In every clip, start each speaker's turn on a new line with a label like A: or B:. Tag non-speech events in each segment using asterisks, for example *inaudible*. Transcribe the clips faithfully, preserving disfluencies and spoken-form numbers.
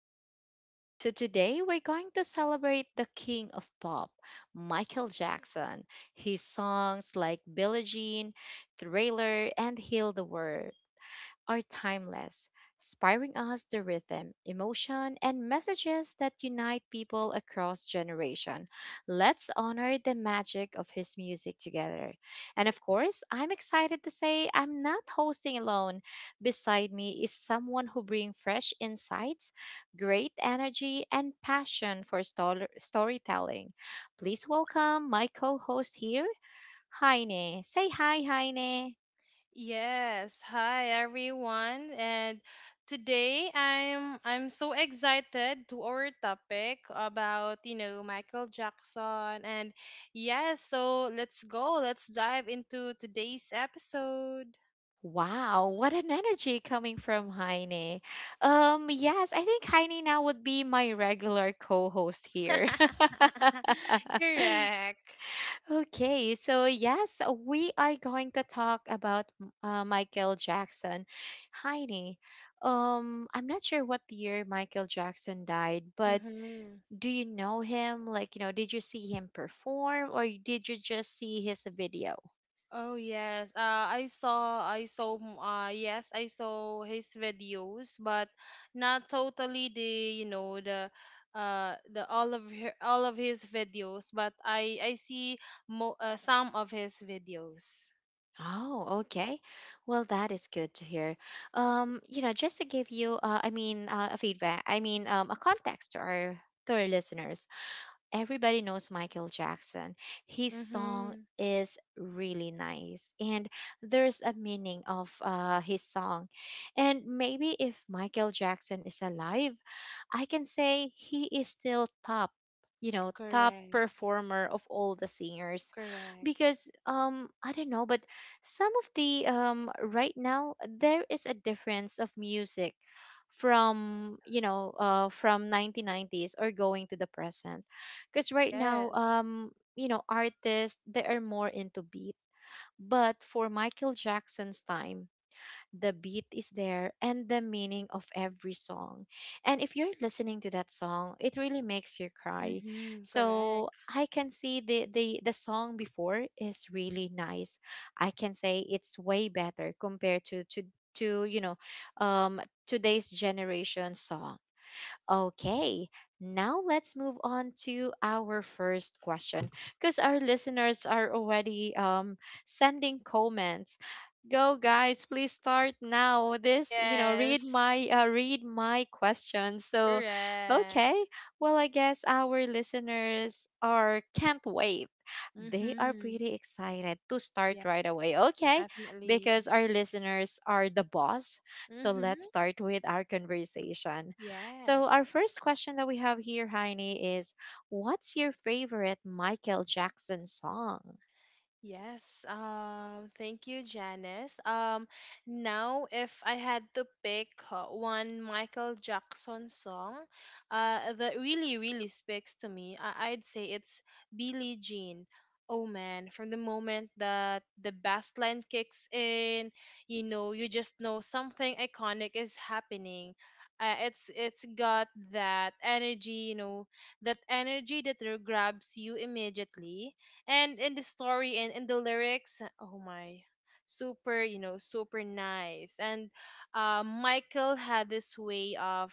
A: today's episode. So, today we're going to celebrate the king of pop, Michael Jackson. His songs like Billie Jean, Thriller, and Heal the World are timeless, inspiring us the rhythm, emotion, and messages that unite people across generation. Let's honor the magic of his music together. And of course, I'm excited to say I'm not hosting alone. Beside me is someone who brings fresh insights, great energy, and passion for stor- storytelling. Please welcome my co-host here, Heine. Say hi, Heine.
B: Yes, hi everyone. And today I'm I'm so excited to our topic about, you know, Michael Jackson. And yes, so let's go. Let's dive into today's episode.
A: Wow, what an energy coming from Heine. Um, yes, I think Heine now would be my regular co-host here. *laughs*
B: *laughs* Correct.
A: Okay, so yes, we are going to talk about uh, Michael Jackson. Heine, um, I'm not sure what year Michael Jackson died, but
B: Mm-hmm.
A: do you know him? Like, you know, did you see him perform or did you just see his video?
B: Oh yes, uh, I saw, I saw, m- uh, yes, I saw his videos, but not totally the, you know, the, uh, the all of her, all of his videos, but I, I see mo, uh, some of his videos.
A: Oh, okay. Well, that is good to hear. Um, you know, just to give you, uh, I mean, uh, a feedback. I mean, um, a context to our to our listeners, everybody knows Michael Jackson. His song
B: Mm-hmm.
A: is really nice and there's a meaning of uh, his song. And maybe if Michael Jackson is alive, I can say he is still top, you know, top
B: Correct.
A: performer of all the singers
B: Correct.
A: because um I don't know, but some of the um right now there is a difference of music from, you know, uh from nineteen nineties or going to the present because right now,
B: Yes.
A: um you know, artists they are more into beat, but for Michael Jackson's time the beat is there and the meaning of every song, and if you're listening to that song it really makes you cry.
B: Mm-hmm.
A: So
B: Correct.
A: I can see the the, the song before is really nice. I can say it's way better compared to to to you know, um today's generation song. Okay, now let's move on to our first question because our listeners are already, um, sending comments. Go guys, please start now. This, you know, read
B: Yes.
A: my uh, read my question. So, okay.
B: Correct.
A: Well, I guess our listeners are can't wait. They are
B: Mm-hmm.
A: pretty excited to start
B: Yes.
A: right away. Okay,
B: Definitely.
A: because our listeners are the boss. So, let's
B: Mm-hmm.
A: start with our conversation. So,
B: Yes.
A: our first question that we have here, Heine, is what's your favorite Michael Jackson song?
B: Yes, um, thank you, Janice. Um, now, if I had to pick uh, one Michael Jackson song uh, that really, really speaks to me, I- I'd say it's Billie Jean. Oh man, from the moment that the bass line kicks in, you know, you just know something iconic is happening. Uh, it's it's got that energy, you know, that energy that grabs you immediately, and in the story and in the lyrics, oh my, super, you know super nice. And uh, Michael had this way of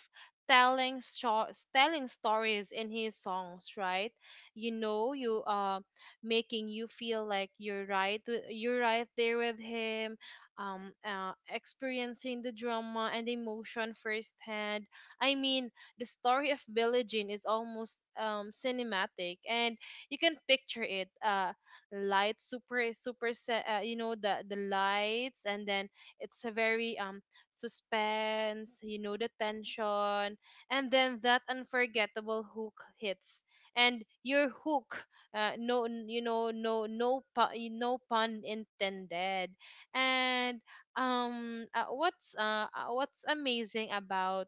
B: telling short telling stories in his songs, right? You know you uh making you feel like you're right with- you're right there with him, um uh, experiencing the drama and emotion firsthand. I mean, the story of Billie Jean is almost um cinematic, and you can picture it, uh light, super super, se- uh, you know, the the lights. And then it's a very um suspense, you know the tension. And then that unforgettable hook hits, and your hook, uh, no n- you know no no pu- y- no pun intended. And um uh, what's uh uh, what's amazing about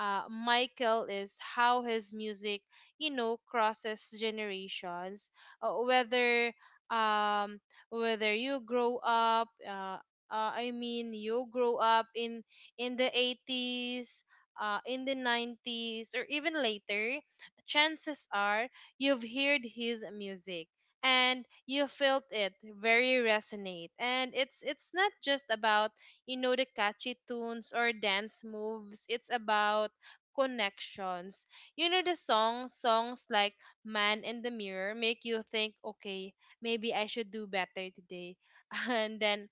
B: uh Michael is how his music, you know crosses generations. Uh, whether um whether you grow up, uh, uh, I mean, you grow up in in the eighties, uh, in the nineties or even later, chances are you've heard his music and you felt it, very resonate. And it's it's not just about, you know the catchy tunes or dance moves. It's about connections. You know, the songs songs like Man in the Mirror make you think, okay, maybe I should do better today. *laughs* And then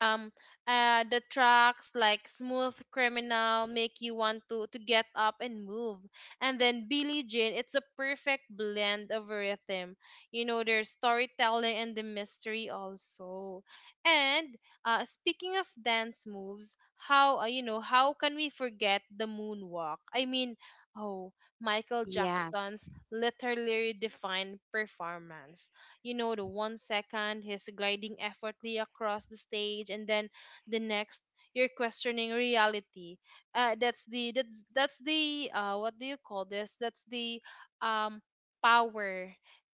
B: um uh the tracks like Smooth Criminal make you want to to get up and move. And then Billie Jean, it's a perfect blend of rhythm, you know there's storytelling and the mystery also. And uh speaking of dance moves, how uh, you know how can we forget the moonwalk? I mean, oh, Michael
A: Yes.
B: Jackson's literally defined performance. You know, the one second he's gliding effortlessly across the stage, and then the next you're questioning reality. Uh, that's the that's that's the uh, What do you call this? That's the um power.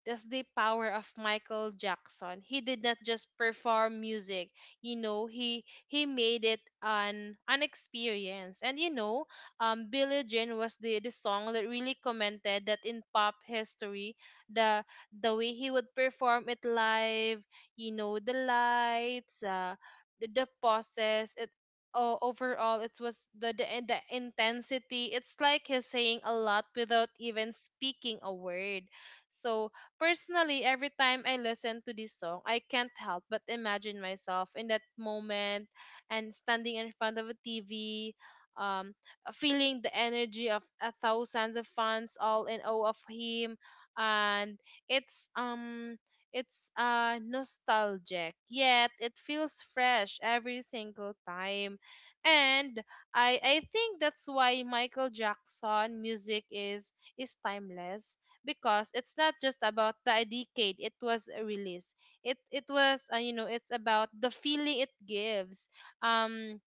B: That's the power of Michael Jackson. He did not just perform music. You know, he he made it an an experience. And you know, um, Billie Jean was the the song that really commented that in pop history. the the way he would perform it live, you know, the lights, uh, the, the pauses, it oh, overall it was the the in- the intensity. It's like he's saying a lot without even speaking a word. So personally, every time I listen to this song, I can't help but imagine myself in that moment, and standing in front of a T V. Um, Feeling the energy of uh, thousands of fans all in awe of him, and it's um it's uh nostalgic, yet it feels fresh every single time. And I I think that's why Michael Jackson music is is timeless, because it's not just about the decade it was released. It it was uh, you know, it's about the feeling it gives. Um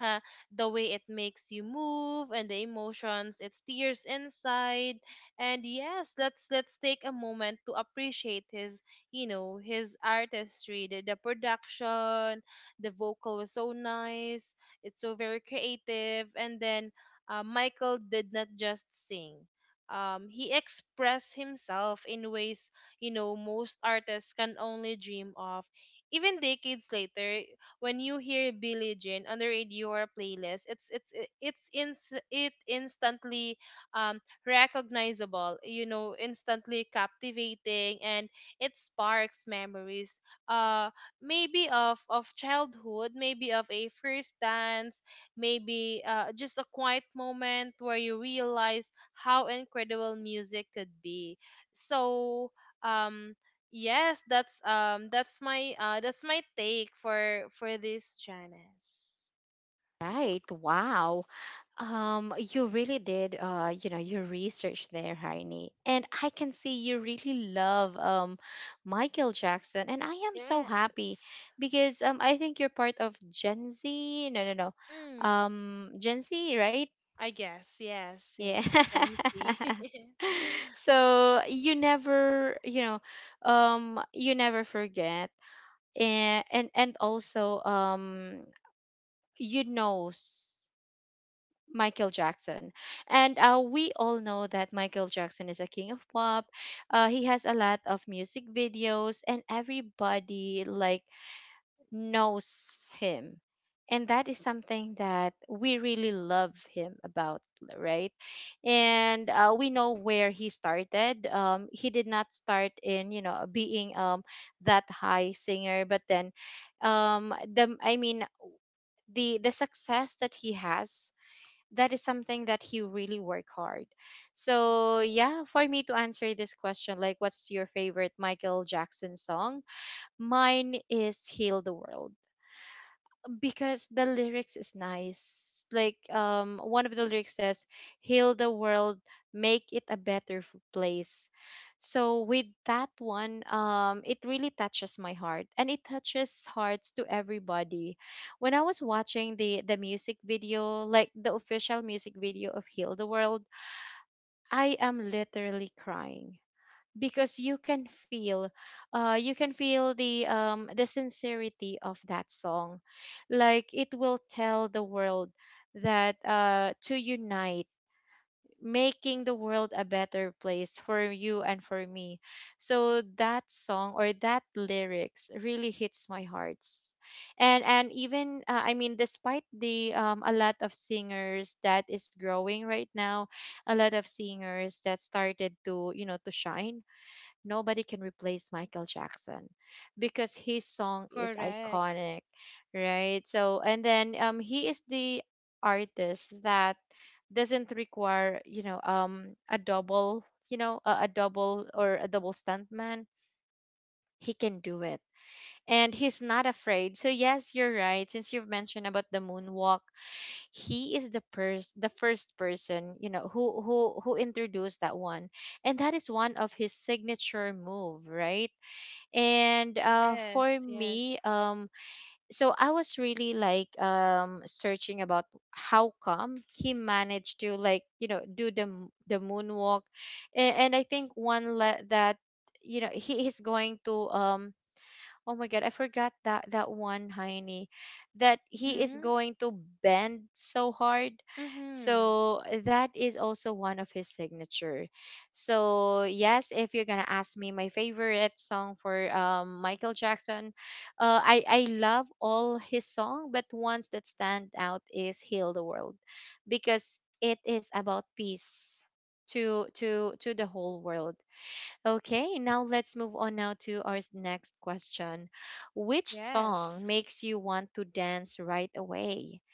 B: uh, the way it makes you move and the emotions it stirs inside. And yes, let's let's take a moment to appreciate his, you know his artistry, the the production. The vocal was so nice, it's so very creative. And then uh, Michael did not just sing, um, he expressed himself in ways, you know most artists can only dream of. Even decades later, when you hear Billie Jean on the radio or playlist, it's it's it- it's ins it instantly um recognizable, you know, instantly captivating, and it sparks memories. Uh, Maybe of of childhood, maybe of a first dance, maybe uh, just a quiet moment where you realize how incredible music could be. So, um Yes, that's um that's my uh that's my take for for this, Janice.
A: Right. Wow. Um, you really did, uh, you know, your research there, Heini. And I can see you really love um Michael Jackson. And I am so
B: Yes.
A: happy because um I think you're part of Gen Z. No, no, no.
B: Hmm.
A: Um Gen Z, right?
B: I guess, yes,
A: Yeah.
B: yes. Gen Z.
A: *laughs*
B: *laughs*
A: So you never, you know, um you never forget, and and and also um you know s- Michael Jackson. And uh, we all know that Michael Jackson is a king of pop. Uh, he has a lot of music videos and everybody like knows him, and that is something that we really love him about, right? And uh, we know where he started. Um, he did not start in, you know, being, um, that high singer, but then, um, the I mean the the success that he has, that is something that he really work hard. So yeah, for me to answer this question, like what's your favorite Michael Jackson song, mine is Heal the World because the lyrics is nice. Like, um one of the lyrics says, heal the world, make it a better f- place. So with that one, um it really touches my heart and it touches hearts to everybody. When I was watching the the music video, like the official music video of Heal the World, I am literally crying because you can feel, uh you can feel the, um the sincerity of that song, like it will tell the world that, uh to unite, making the world a better place for you and for me. So that song, or that lyrics, really hits my hearts. And and even uh, i mean despite the, um a lot of singers that is growing right now, a lot of singers that started to, you know, to shine, nobody can replace Michael Jackson because his song is
B: Correct.
A: iconic, right? So, and then, um, he is the artist that doesn't require, you know, um, a double, you know, a, a double or a double stuntman. He can do it and he's not afraid. So yes, you're right. Since you've mentioned about the moonwalk, he is the pers- the first person, you know, who who who introduced that one. And that is one of his signature move, right? And uh
B: Yes,
A: for me,
B: yes.
A: um so I was really like, um searching about how come he managed to like, you know, do the m- the moonwalk, and, and I think one le- that, you know, he is going to, um oh my god, I forgot that that one, Heine, that he
B: Mm-hmm.
A: is going to bend so hard.
B: Mm-hmm.
A: So eh, that is also one of his signature. So yes, if you're gonna ask me my favorite song for, um, Michael Jackson, uh, I I love all his song, but ones that stand out is "Heal the World," because it is about peace to to to the whole world. Okay, now let's move on now to our s- next question. Which
B: Yes.
A: song makes you want to dance right away?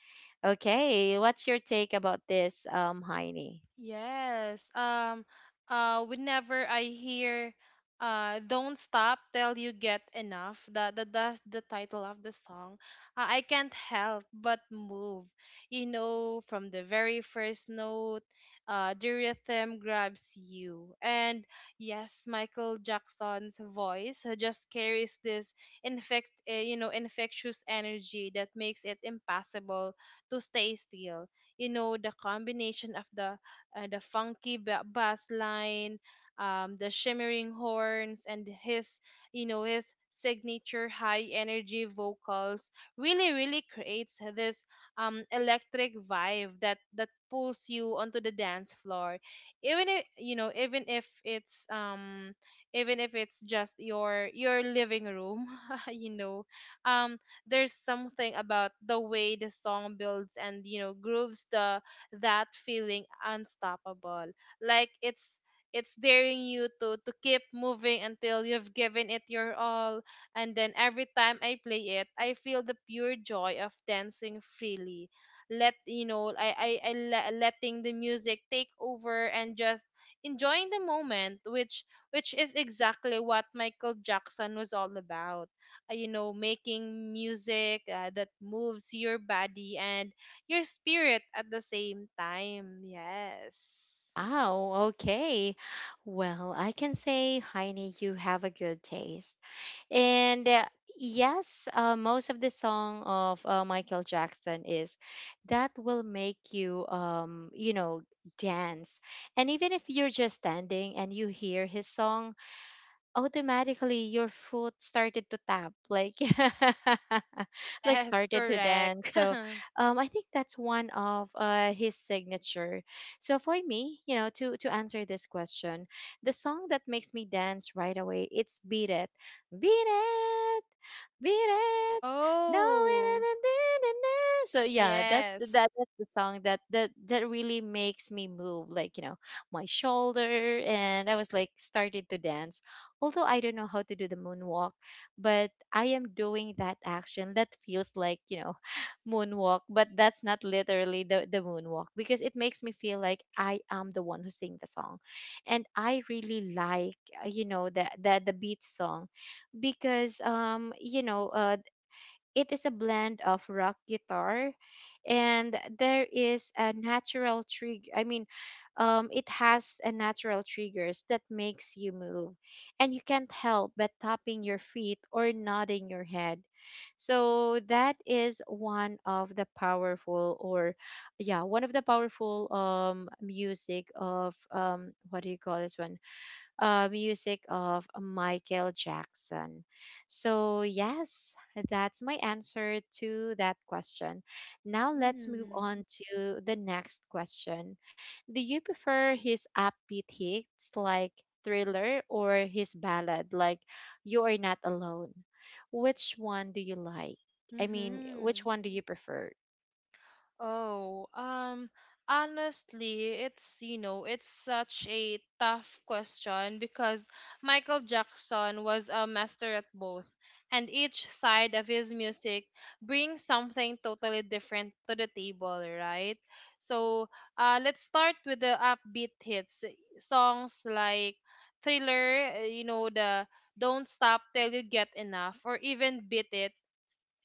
A: Okay, what's your take about this, um, Heini?
B: Yes. Um uh whenever I hear uh Don't Stop Till You Get Enough, that that that's the title of the song. Uh, I can't help but move. You know, from the very first note, uh the rhythm grabs you. And yes, Michael Jackson's voice, uh, just carries this infect uh, you know, infectious energy that makes it impossible to stay still. You know, the combination of the uh, the funky ba- bass line, um, the shimmering horns, and his, you know, his signature high energy vocals really, really creates this um, electric vibe that that pulls you onto the dance floor, even if you know, even if it's um, even if it's just your your living room. *laughs* you know, um, there's something about the way the song builds and you know grooves, the that feeling unstoppable. Like it's it's daring you to to keep moving until you've given it your all. And then every time I play it, I feel the pure joy of dancing freely, let you know I I, I le- letting the music take over and just enjoying the moment, which which is exactly what Michael Jackson was all about: uh, you know making music uh, that moves your body and your spirit at the same time. Yes.
A: Oh, okay. Well, I can say, Heini, you have a good taste. And uh, yes, uh, most of the song of, uh, Michael Jackson is that will make you, um, you know, dance. And even if you're just standing and you hear his song, automatically your foot started to tap like *laughs* like
B: Yes,
A: started to
B: correct.
A: dance.
B: *laughs*
A: So um, I think that's one of, uh, his signature. So for me, you know, to to answer this question, the song that makes me dance right away, it's Beat It. Beat it, beat it, no *laughs* it
B: Oh,
A: isn't in the news. So yeah, that's the,
B: yes.
A: that, that's the song that that that really makes me move, like, you know, my shoulder, and I was like started to dance. Although I don't know how to do the moonwalk, but I am doing that action that feels like, you know, *laughs* moonwalk, but that's not literally the, the moonwalk because it makes me feel like I am the one who sing the song. And I really like, uh, you know, the, the, the beat song because, um, you know, uh, it is a blend of rock guitar, and there is a natural trigger. I mean um, it has a natural triggers that makes you move, and you can't help but tapping your feet or nodding your head. So that is one of the powerful, or yeah, one of the powerful, um music of, um what do you call this one, uh, music of Michael Jackson. So, yes, that's my answer to that question. Now, let's move
B: Mm.
A: on to the next question. Do you prefer his upbeat hits like Thriller or his ballad like You Are Not Alone? Which one do you like? I mean, which
B: Mm-hmm.
A: one do you prefer?
B: Oh, um, honestly, it's, you know, it's such a tough question because Michael Jackson was a master at both, and each side of his music brings something totally different to the table, right? So, uh, let's start with the upbeat hits. Songs like Thriller, uh, you know, the Don't Stop Till You Get Enough, or even Beat It,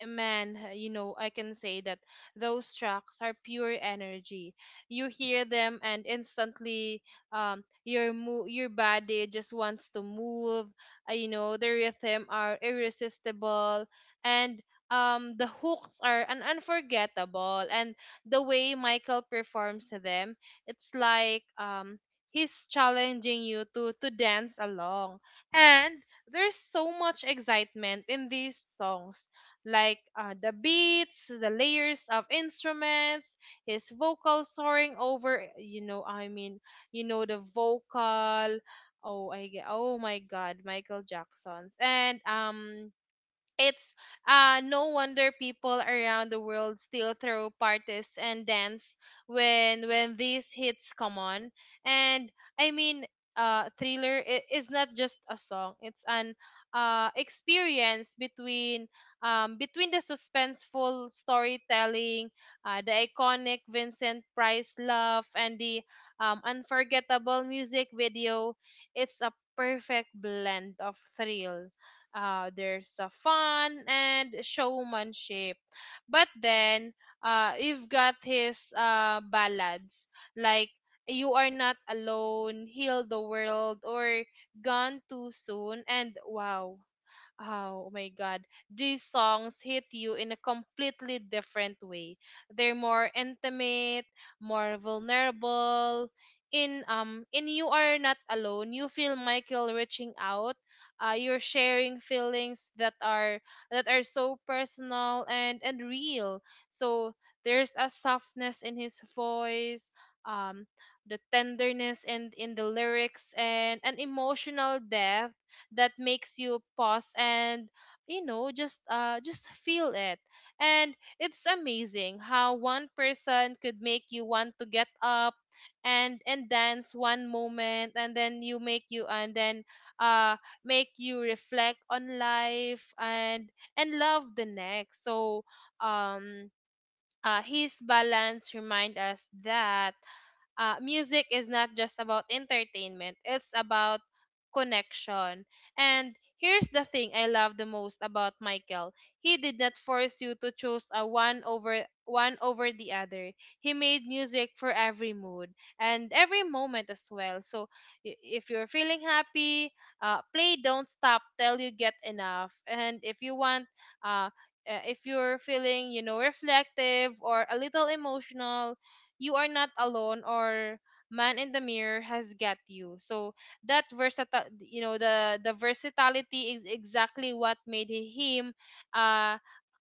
B: man, you know, I can say that those tracks are pure energy. You hear them and instantly, um your mo- your body just wants to move. Uh, you know, the rhythm are irresistible, and um the hooks are an unforgettable. And the way Michael performs them, it's like, um he's challenging you to to dance along. And there's so much excitement in these songs, like uh, the beats, the layers of instruments, his vocal soaring over, you know, I mean, you know, the vocal. Oh, I get, oh my God, Michael Jackson's. And um it's uh, no wonder people around the world still throw parties and dance when when these hits come on. And I mean, uh, Thriller i- is not just a song; it's an uh, experience. Between um, between the suspenseful storytelling, uh, the iconic Vincent Price laugh, and the um, unforgettable music video, it's a perfect blend of thrill, uh, there's a fun and showmanship. But then uh, you've got his uh, ballads like You Are Not Alone, Heal the World, or Gone Too Soon, and wow, oh my God. These songs hit you in a completely different way. They're more intimate, more vulnerable. In um in You Are Not Alone, you feel Michael reaching out. Uh, you're sharing feelings that are that are so personal and and real. So there's a softness in his voice, um, the tenderness and in in the lyrics, and an emotional depth that makes you pause and you know just uh just feel it. And it's amazing how one person could make you want to get up and and dance one moment, and then you make you and then uh make you reflect on life and and love the next. So um uh, his balance remind us that, uh, music is not just about entertainment, it's about connection. And here's the thing I love the most about Michael. He did not force you to choose a one over one over the other. He made music for every mood and every moment as well. So i- if you're feeling happy, uh, play Don't Stop Till You Get Enough. And if you want uh, uh, if you're feeling you know reflective or a little emotional, you are not alone, or Man in the Mirror has got you. So that versatile, you know the the versatility is exactly what made him uh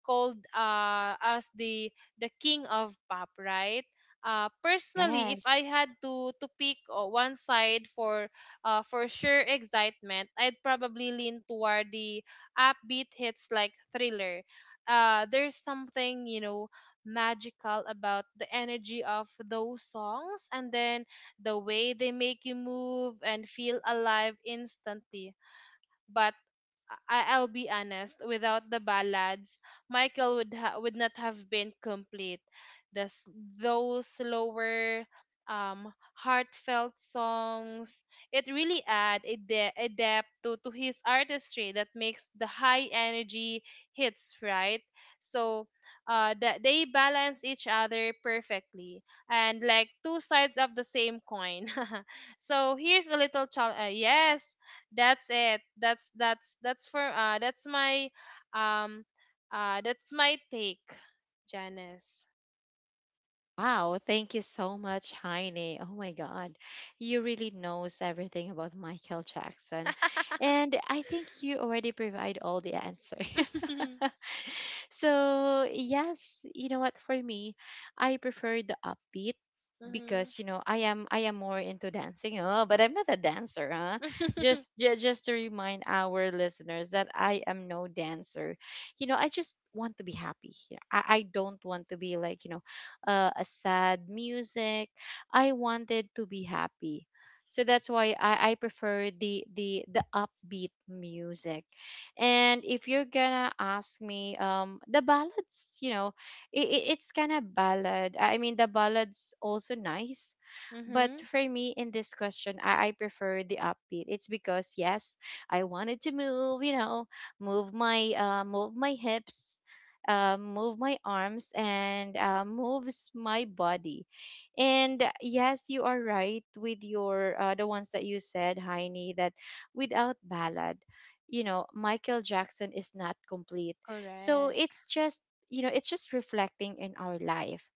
B: called uh as the the King of Pop, right? Uh personally, if I
A: Yes.
B: had to to pick, uh, one side for uh for sure excitement, I'd probably lean toward the upbeat hits like Thriller. Uh there's something, you know magical about the energy of those songs, and then the way they make you move and feel alive instantly. But I- I'll be honest, without the ballads, Michael would ha- would not have been complete. The s- those slower, um, heartfelt songs, it really add a, de- a depth to, to his artistry that makes the high energy hits right. So, uh, that they balance each other perfectly and like two sides of the same coin. *laughs* So here's a little challenge. Uh, yes, that's it. that's that's that's for uh that's my um uh that's my take, Janice.
A: Wow, thank you so much, Heine. Oh my God, you really knows everything about Michael Jackson. And
B: *laughs*
A: I think you already provide all the answer.
B: Mhm.
A: *laughs* So, yes, you know what, for me, I prefer the upbeat because,
B: *laughs*
A: you know, I am I am more into dancing. Oh, but I'm not a dancer, huh? Just ju- just to remind our listeners that I am no dancer. You know, I just want to be happy. You know, I, I don't want to be like, you know, uh, a sad music. I wanted to be happy. So that's why I, I prefer the, the the upbeat music. And if you're gonna ask me, um the ballads, you know, it, it, it's kind of ballad. I mean, the ballad's also nice, but
B: Mhm.
A: for me in this question, I, I prefer the upbeat. It's because yes, I wanted to move, you know, move my, uh, move my hips, uh, move my arms, and uh, moves my body. And yes, you are right with your, uh, the ones that you said, Heini, that without ballad, you know, Michael Jackson is not complete. So
B: Correct.
A: it's just, you know it's just reflecting in our life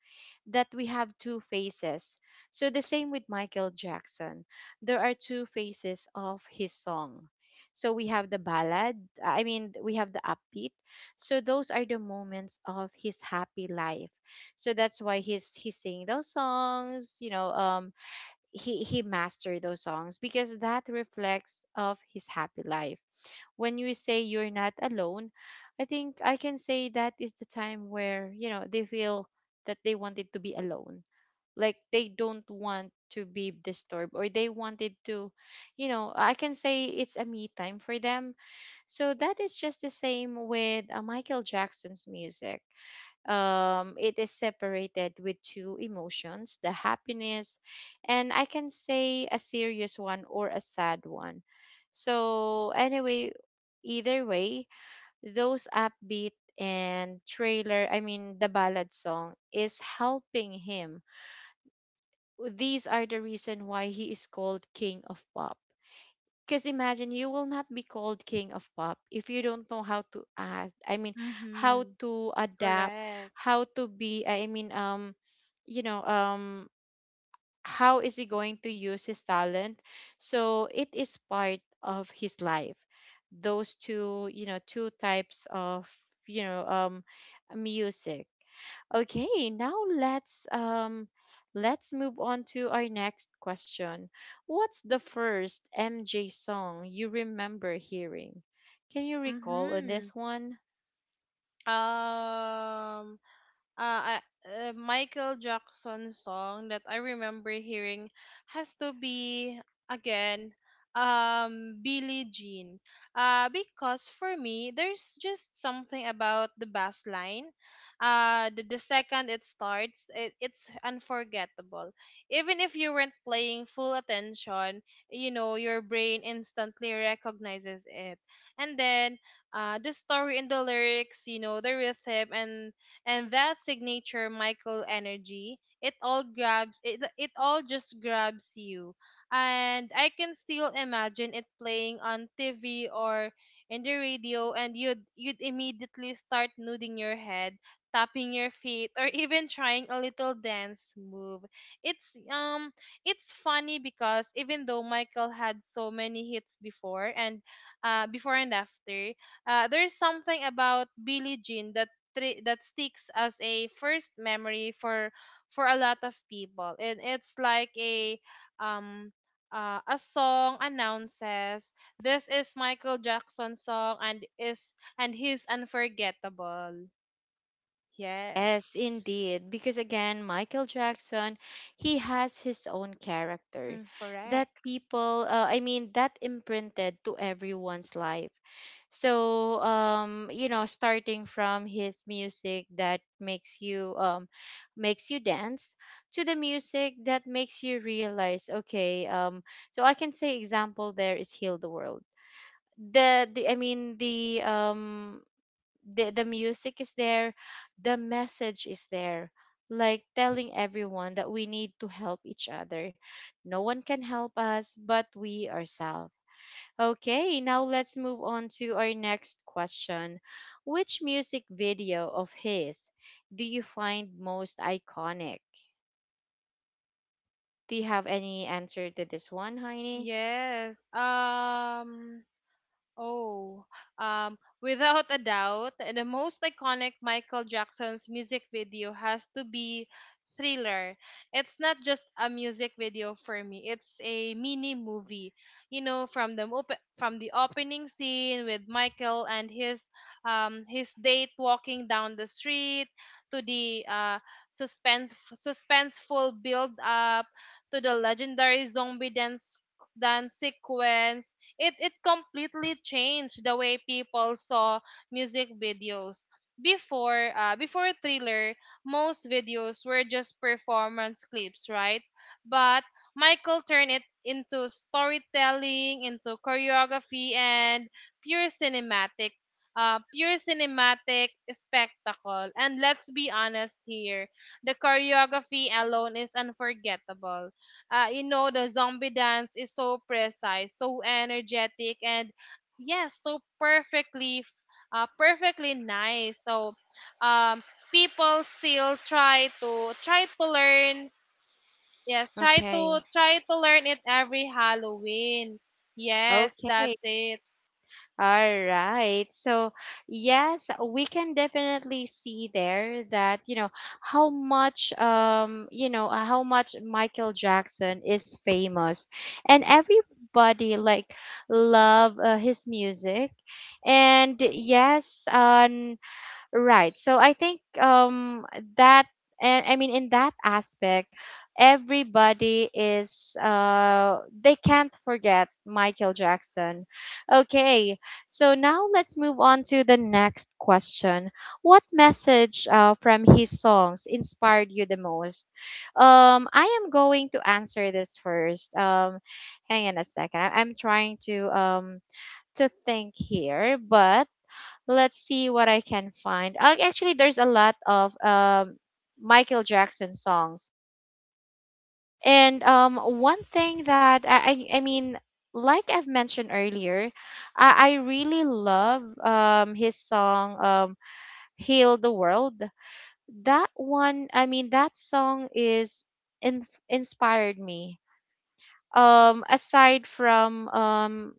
A: that we have two faces. So the same with Michael Jackson, there are two faces of his song. So we have the ballad, i mean we have the upbeat. So those are the moments of his happy life. So that's why he's he's singing those songs, you know um he he mastered those songs because that reflects of his happy life. When you say you're not alone, I think I can say that is the time where, you know they feel that they wanted to be alone, like they don't want to be disturbed or they wanted to, you know I can say it's a me time for them. So that is just the same with uh, Michael Jackson's music. Um, it is separated with two emotions: the happiness, and I can say a serious one or a sad one. So anyway, either way, those upbeat and trailer, I mean the ballad song, is helping him. These are the reason why he is called king of pop. Because imagine, you will not be called king of pop if you don't know how to act. I mean, how
B: Mhm.
A: to adapt,
B: Correct.
A: how to be. I mean, um, you know, um, how is he going to use his talent? So it is part of his life. Those two, you know, two types of, you know, um, music. Okay, now let's um let's move on to our next question. What's the first M J song you remember hearing? Can you recall on
B: Mhm.
A: this one?
B: um uh, I- uh, Michael Jackson song that I remember hearing has to be, again, um Billie Jean. Uh because for me there's just something about the bass line. Uh the, the second it starts, it, it's unforgettable. Even if you weren't playing full attention, you know, your brain instantly recognizes it. And then uh the story in the lyrics, you know, the rhythm and and that signature Michael energy. It all grabs it, it all just grabs you. And I can still imagine it playing on T V or in the radio, and you'd you'd immediately start nodding your head, tapping your feet, or even trying a little dance move. It's um it's funny because even though Michael had so many hits before and uh before and after, uh, there's something about Billie Jean that tri- that sticks as a first memory for for a lot of people, and it's like a, um uh, a song announces this is Michael Jackson's song, and is and he's unforgettable. Yes.
A: Yes, indeed. Because again, Michael Jackson, he has his own character
B: Mm,
A: that
B: correct.
A: people, uh, I mean, that imprinted to everyone's life. So, um, you know, starting from his music that makes you, um, makes you dance, to the music that makes you realize, okay, um, so I can say example, there is Heal the World. The, the I mean the um the the music is there, the message is there, like telling everyone that we need to help each other. No one can help us but we ourselves. Okay, now let's move on to our next question. Which music video of his do you find most iconic? Do you have any answer to this one, Heini?
B: Yes. um Oh, um, without a doubt, the most iconic Michael Jackson's music video has to be Thriller. It's not just a music video for me. It's a mini movie. You know, from the op- from the opening scene with Michael and his um his date walking down the street to the, uh suspense suspenseful build up, to the legendary zombie dance dance sequence. It it completely changed the way people saw music videos. Before uh, before Thriller, most videos were just performance clips, right? But Michael turned it into storytelling, into choreography, and pure cinematic, uh, pure cinematic spectacle. And let's be honest here, the choreography alone is unforgettable. Uh, you know the zombie dance is so precise, so energetic, and yes, so perfectly f- uh, perfectly nice. So um people still try to try to learn. Yeah, try
A: Okay.
B: to try to learn it every Halloween. Yes,
A: Okay.
B: that's it.
A: All right. So, yes, we can definitely see there that, you know, how much, um, you know, uh, how much Michael Jackson is famous. And everybody like love uh, his music. And yes, um. Right. So I think um that, and I mean, in that aspect, everybody is uh they can't forget Michael Jackson. Okay. So now let's move on to the next question. What message uh, from his songs inspired you the most? Um I am going to answer this first. Um hang on a second. I- I'm trying to um to think here, but let's see what I can find. Ac- Actually, there's a lot of um, Michael Jackson songs. And um, one thing that I, I, I mean, like I've mentioned earlier, I, I really love um, his song um, "Heal the World." That one, I mean, that song is in, inspired me. Um, aside from um,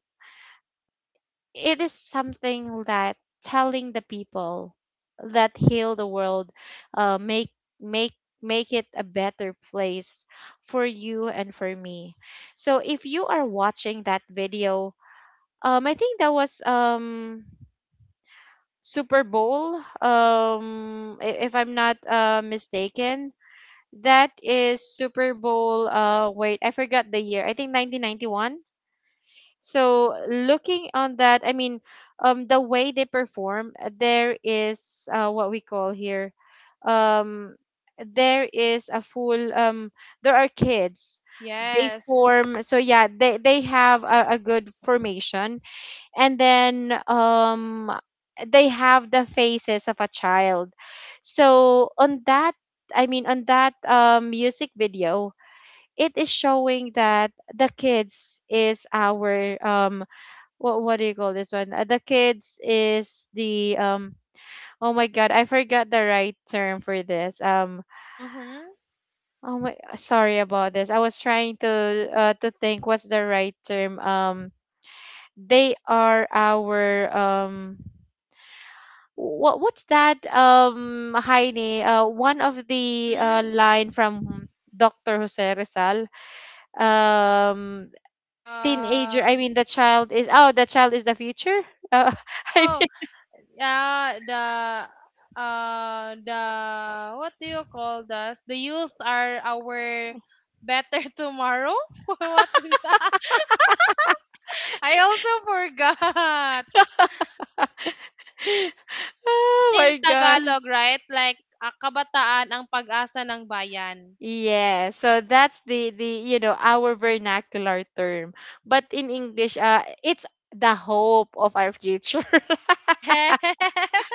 A: It is something that telling the people that heal the world, uh, make make make it a better place for you and for me. So if you are watching that video, um, I think that was um Super Bowl. Um, i- if I'm not uh mistaken, that is Super Bowl. Uh, wait, I forgot the year. I think nineteen ninety-one. So looking on that, I mean, um, the way they perform, uh, there is uh, what we call here, um, there is a full, um, there are kids. They
B: Yes.
A: form, so yeah, they they have a, a good formation, and then um, they have the faces of a child. So on that, I mean, on that um, music video, it is showing that the kids is our um, what what do you call this one? Uh, the kids is the um, oh my god, I forgot the right term for this. Um,
B: Mm-hmm.
A: oh my, sorry about this. I was trying to uh to think what's the right term. Um, they are our um, what what's that um Heine, uh, one of the uh
B: Mm-hmm.
A: line from Doctor Jose Rizal um, teenager,
B: uh,
A: I mean the child is, oh, the child is the future uh, *laughs* I
B: oh.
A: mean
B: Yeah, the uh the what do you call this? The youth are our better *laughs* tomorrow. *laughs* What is that? I also forgot.
A: *laughs*
B: It's
A: oh
B: in
A: my god.
B: Tagalog, right? Like, ah, kabataan ang pag-asa ng bayan.
A: Yeah, so that's the the you know our vernacular term. But in English, uh it's the hope of our future.
B: *laughs*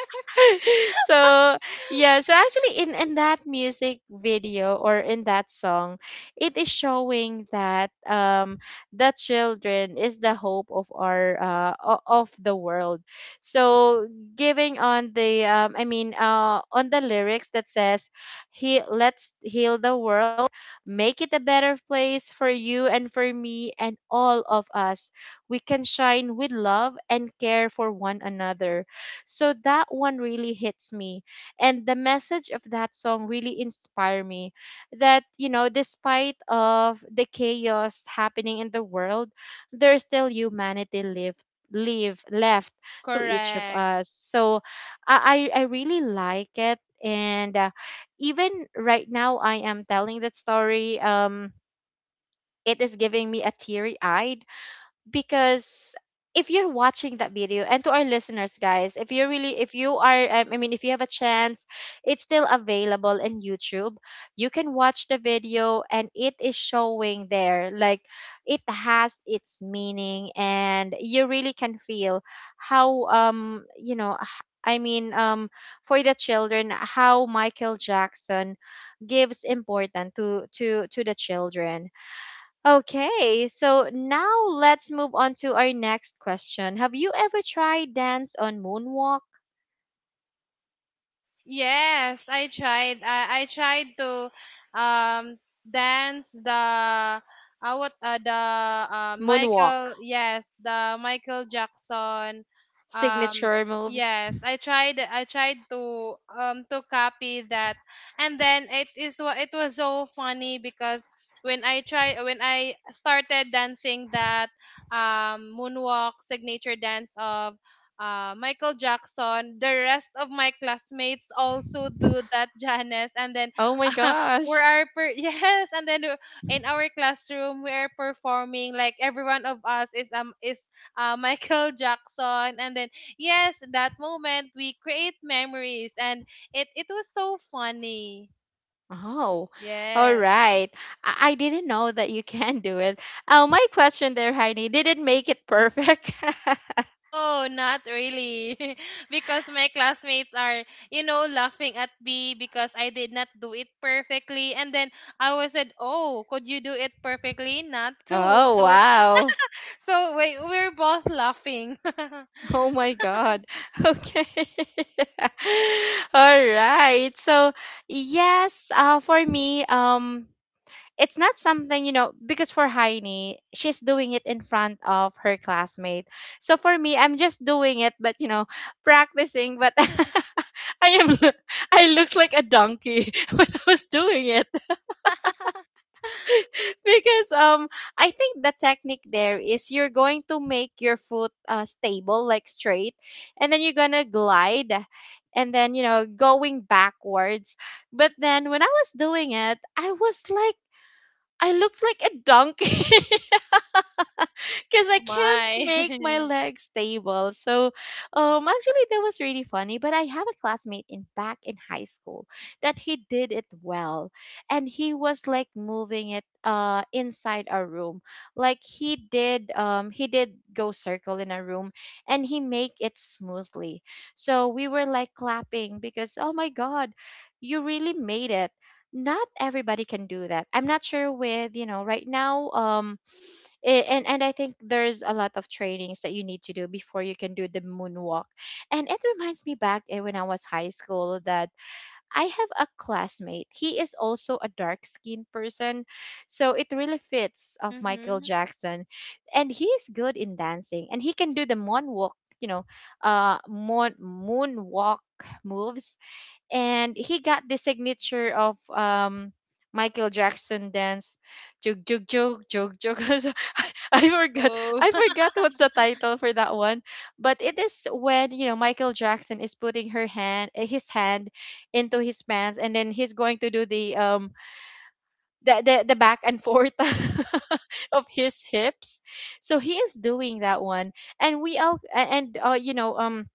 A: *laughs* So yeah, so actually in in that music video or in that song, it is showing that um the children is the hope of our uh o- of the world. So giving on the um, i mean uh on the lyrics that says, he, let's heal the world, make it a better place for you and for me and all of us, we can shine with love and care for one another. So that one really hits me. And the message of that song really inspire me that, you know, despite of the chaos happening in the world, there's still humanity left, leave left to each of
B: Correct.
A: us. So i i I really like it, and uh, even right now I am telling that story, um, it is giving me a teary eye. Because if you're watching that video, and to our listeners guys, if you're really, if you are um, I mean if you have a chance, it's still available in YouTube. You can watch the video, and it is showing there like it has its meaning, and you really can feel how um, you know, h- I mean um, for the children, how Michael Jackson gives important to to to the children. Okay, so now let's move on to our next question. Have you ever tried dance on moonwalk?
B: Yes, I tried. I, I tried to um dance the uh, what uh, the uh,
A: Moonwalk
B: Michael yes, the Michael Jackson. um
A: signature moves.
B: yes, I tried. I tried to um to copy that. And then it is wa- it was so funny, because when I try when I started dancing that um moonwalk signature dance of, uh, Michael Jackson. The rest of my classmates also do that, Janice. And then
A: Oh
B: *laughs*
A: my
B: uh, we
A: gosh.
B: are per- *laughs* yes, and then, uh, in our classroom we are performing like every one of us is um is uh, *laughs* Michael Jackson. And then yes, that moment we create memories, and it it was so funny.
A: Oh, all
B: Yes.
A: right. I, I didn't know that you *laughs* can do it. Oh, my question there, Heidi, did it make it perfect? *laughs*
B: Oh, not really. *laughs* Because my classmates are, you know, laughing at me because I did not do it perfectly. And then I was said, oh, could you do it perfectly? Not too.
A: Oh,
B: So,
A: wow.
B: so we we're both laughing. *laughs*
A: Oh my God. *laughs* Okay. *laughs* All right. So, yes, uh, for me, um, it's not something, you know, because for Heine she's doing it in front of her classmate, so for me I'm just doing it but, you know, practicing but *laughs* I am lo- I looks like a donkey *laughs* when I was doing it *laughs* because um, I think the technique there is, you're going to make your foot uh, stable like straight, and then you're gonna glide, and then you know going backwards. But then when I was doing it, I was like, I looked like a donkey *laughs* because I
B: Oh
A: can't make my
B: my. *laughs*
A: legs stable. So, um, actually, that was really funny. But I have a classmate in back in high school that he did it well, and he was like moving it uh inside our room. Like he did, um, he did go circle in a room, and he make it smoothly. So we were like clapping because oh my god, you really made it. Not everybody can do that. I'm not sure with you know right now. Um, a- and and I think there's a lot of trainings that you need to do before you can do the moonwalk. And it reminds me back eh, when I was high school that I have a classmate. He is also a dark skinned person, so it really fits of Michael
B: Mm-hmm.
A: Jackson, and he is good in dancing and he can do the moonwalk. You know, uh, moon moonwalk moves, and he got the signature of um Michael Jackson dance, jug jug jug jug jug *laughs* *laughs* I forgot.
B: Oh.
A: I forgot what's the
B: *laughs*
A: title for that one, but it is when, you know, Michael Jackson is putting her hand, eh, his hand, into his pants, and then he's going to do the um the the, the back and forth *laughs* of his hips. So he is doing that one, and we all a- and uh, you know um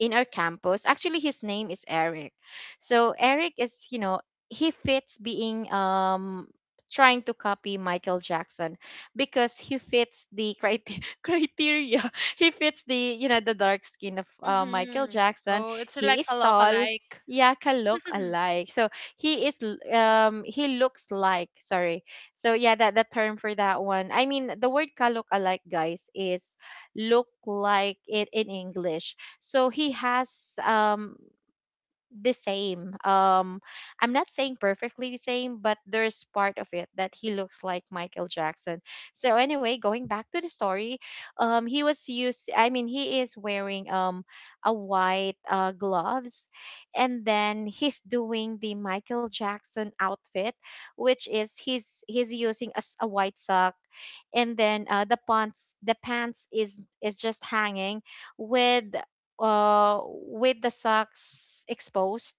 A: in our campus. Actually, his name is Eric. So Eric is, you know, he fits being um trying to copy Michael Jackson because he fits the criteria *laughs* criteria. He fits the, you know, the dark skin of uh, Michael
B: Mm-hmm.
A: Jackson.
B: Oh, it's
A: He
B: like
A: is
B: a look
A: tall.
B: alike.
A: Yeah, can look
B: *laughs*
A: alike. So he is l- um he looks like, sorry. So yeah, that the term for that one. I mean the word ka look alike guys is look like it in English. So he has um the same um, I'm not saying perfectly the same, but there's part of it that he looks like Michael Jackson. So anyway, going back to the story, um, he was used I mean he is wearing um a white uh, gloves, and then he's doing the Michael Jackson outfit, which is he's he's using a, s- a white sock, and then uh, the pants the pants is is just hanging with uh, with the socks exposed,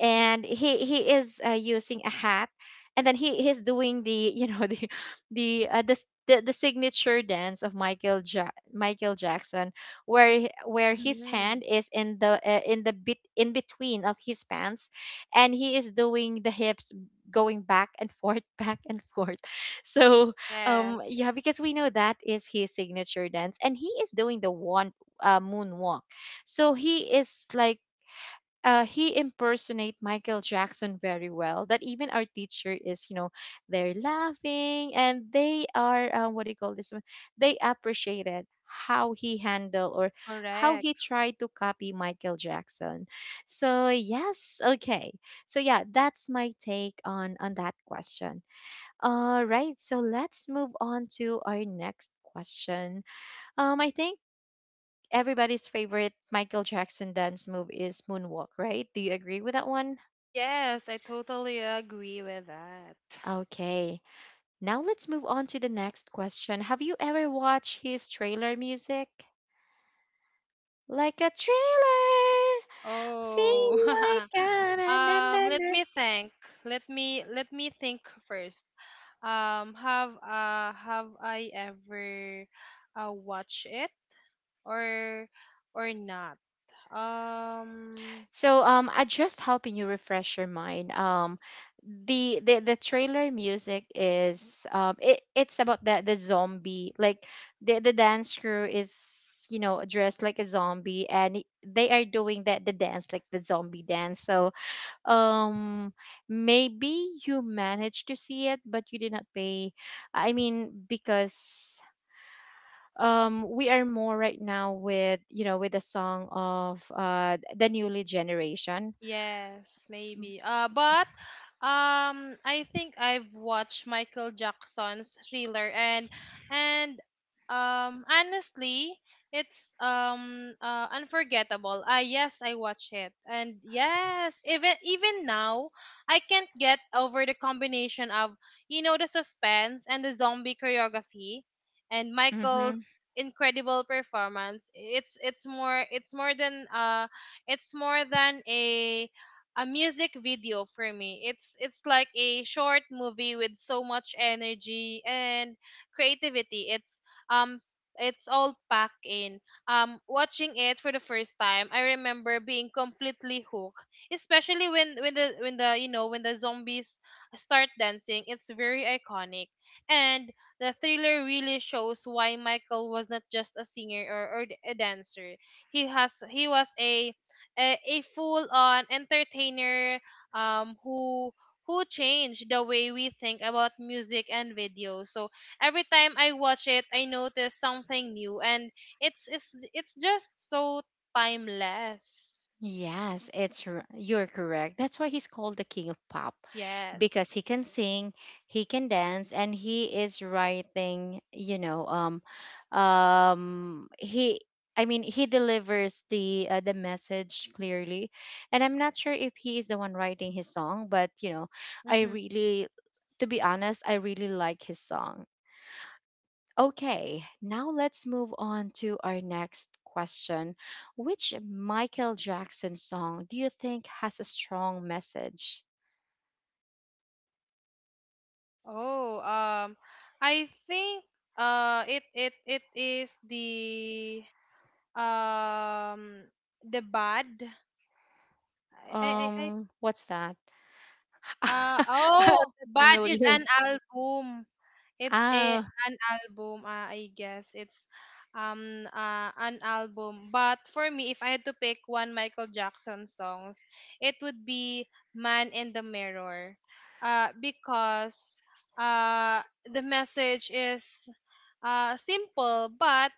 A: and he he is uh, using a hat, and then he he's doing the, you know, *laughs* the the uh, the, s- the the signature dance of Michael ja- Michael Jackson, where he- where his
B: Mm-hmm.
A: hand is in the uh, in the bit in between of his pants, and he is doing the hips going back and forth *laughs* back and forth. So um, yeah,
B: Yes.
A: because we know that is his signature dance, and he is doing the one uh, moonwalk. So he is like uh, he impersonate Michael Jackson very well. That even our teacher is, you know, they're laughing, and they are uh, what do you call this one? They appreciated how he handled or how he
B: Correct.
A: tried to copy Michael Jackson. So yes, okay. So yeah, that's my take on on that question. All right, so let's move on to our next question. Um, I think everybody's favorite Michael Jackson dance move is moonwalk, right? Do you agree with that one?
B: Yes, I totally agree with that.
A: Okay. Now let's move on to the next question. Have you ever watched his trailer music? Like a thriller,
B: Oh.
A: feel like
B: *laughs*
A: a na na
B: Um,
A: na
B: let
A: na.
B: me think. Let me let me think first. Um, have uh have I ever uh watched it, or or not? Um,
A: So um, I just helping you refresh your mind. Um, the the, the trailer music is um, it, it's about the the zombie, like the the dance crew is, you know, dressed like a zombie and it- they are doing that the dance like the zombie dance. So um, maybe you managed to see it, but you did not pay. I mean because. Um, we are more right now with, you know with the song of uh, the newly generation.
B: Yes, maybe. Uh, but, um, I think I've watched Michael Jackson's Thriller, and, and um, honestly, it's, um uh, unforgettable. Ah, yes, I watch it, and yes, even even now, I can't get over the combination of you know the suspense and the zombie choreography, and
A: Mm-hmm.
B: Michael's incredible performance. It's it's more it's more than uh, it's more than a a music video for me. It's it's like a short movie with so much energy and creativity. It's um it's all packed in. Um watching it for the first time, I remember being completely hooked, especially when when the when the you know when the zombies start dancing. It's very iconic. And the Thriller really shows why Michael was not just a singer, or, or a dancer. He has he was a a, a full-on entertainer, um, who who changed the way we think about music and video. So every time I watch it, I notice something new, and it's it's it's just so timeless.
A: Yes, it's r- you're correct. That's why he's called the King of Pop,
B: Yes.
A: because he can sing, he can dance, and he is writing, you know, um um he I mean, he delivers the uh, the message clearly. And I'm not sure if he is the one writing his song, but you know, I
B: Mm-hmm.
A: really to be honest, I really like his song. Okay, now let's move on to our next question. Which Michael Jackson song do you think has a strong message?
B: Oh, um, I think, uh, it it it is the, um the Bad. I I I I-
A: Um, what's that?
B: uh
A: *laughs* I'm
B: oh,
A: not
B: Bad is
A: familiar.
B: an album. It's a
A: Ah,
B: an album, uh, I guess. It's, um uh, an album. But for me, if I had to pick one Michael Jackson songs, it would be Man in the Mirror. Uh because uh the message is uh simple but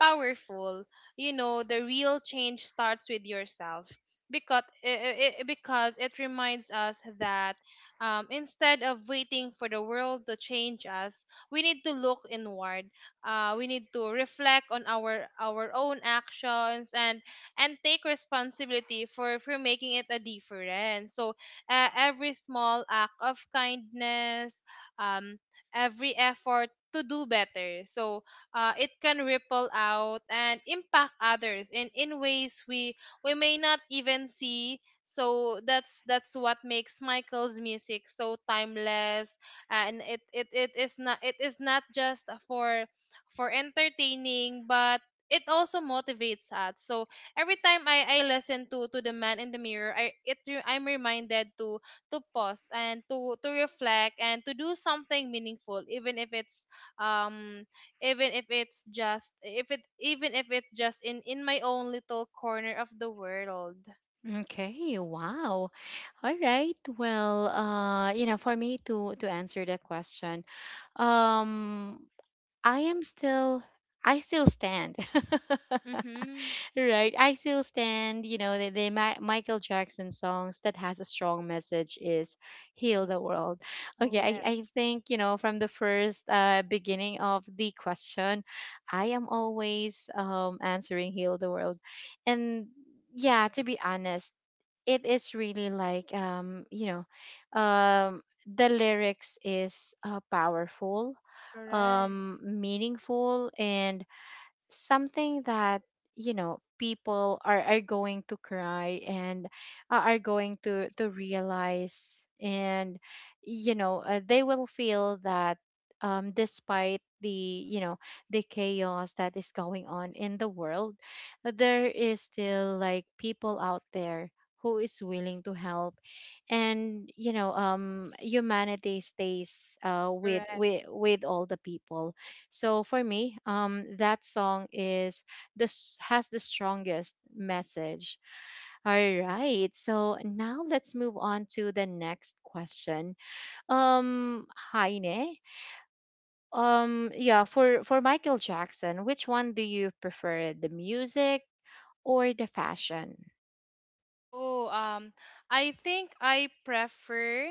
B: powerful. You know, the real change starts with yourself, because it, because it reminds us that, um, instead of waiting for the world to change us, we need to look inward. Uh, we need to reflect on our our own actions, and and take responsibility for for making it a difference. So, uh, every small act of kindness, um, every effort to do better. So, uh, it can ripple out and impact others in, in ways we we may not even see. So that's that's what makes Michael's music so timeless, and it, it, it is not it is not just for for entertaining, but it also motivates us. So every time I, I listen to, to the Man in the Mirror, I it re- I'm reminded to to pause and to to reflect and to do something meaningful, even if it's, um even if it's just if it even if it's just in in my own little corner of the world.
A: okay. Wow. All right. Well, uh, you know, for me to to answer the question, um, I am still I still stand. *laughs*
B: Mm-hmm.
A: Right, i still stand. You know, the, the Ma- Michael Jackson songs that has a strong message is "Heal the World."
B: Oh,
A: Okay, i, I
B: yes.
A: think, you know from the first uh, beginning of the question, i am always, um, answering "Heal the World." And yeah, to be honest, it is really like, um you know um the lyrics is uh, powerful,
B: Correct.
A: um meaningful, and something that, you know people are, are going to cry, and are are going to to realize, and you know uh, they will feel that, um, despite the you know the chaos that is going on in the world, there is still like people out there who is willing to help, and, you know um humanity stays uh with
B: Correct.
A: with with all the people. So for me, um, that song is this has the strongest message. All right. So now let's move on to the next question. Um, Heine. Um, yeah, for for Michael Jackson, which one do you prefer, the music or the fashion?
B: Oh, um I think I prefer,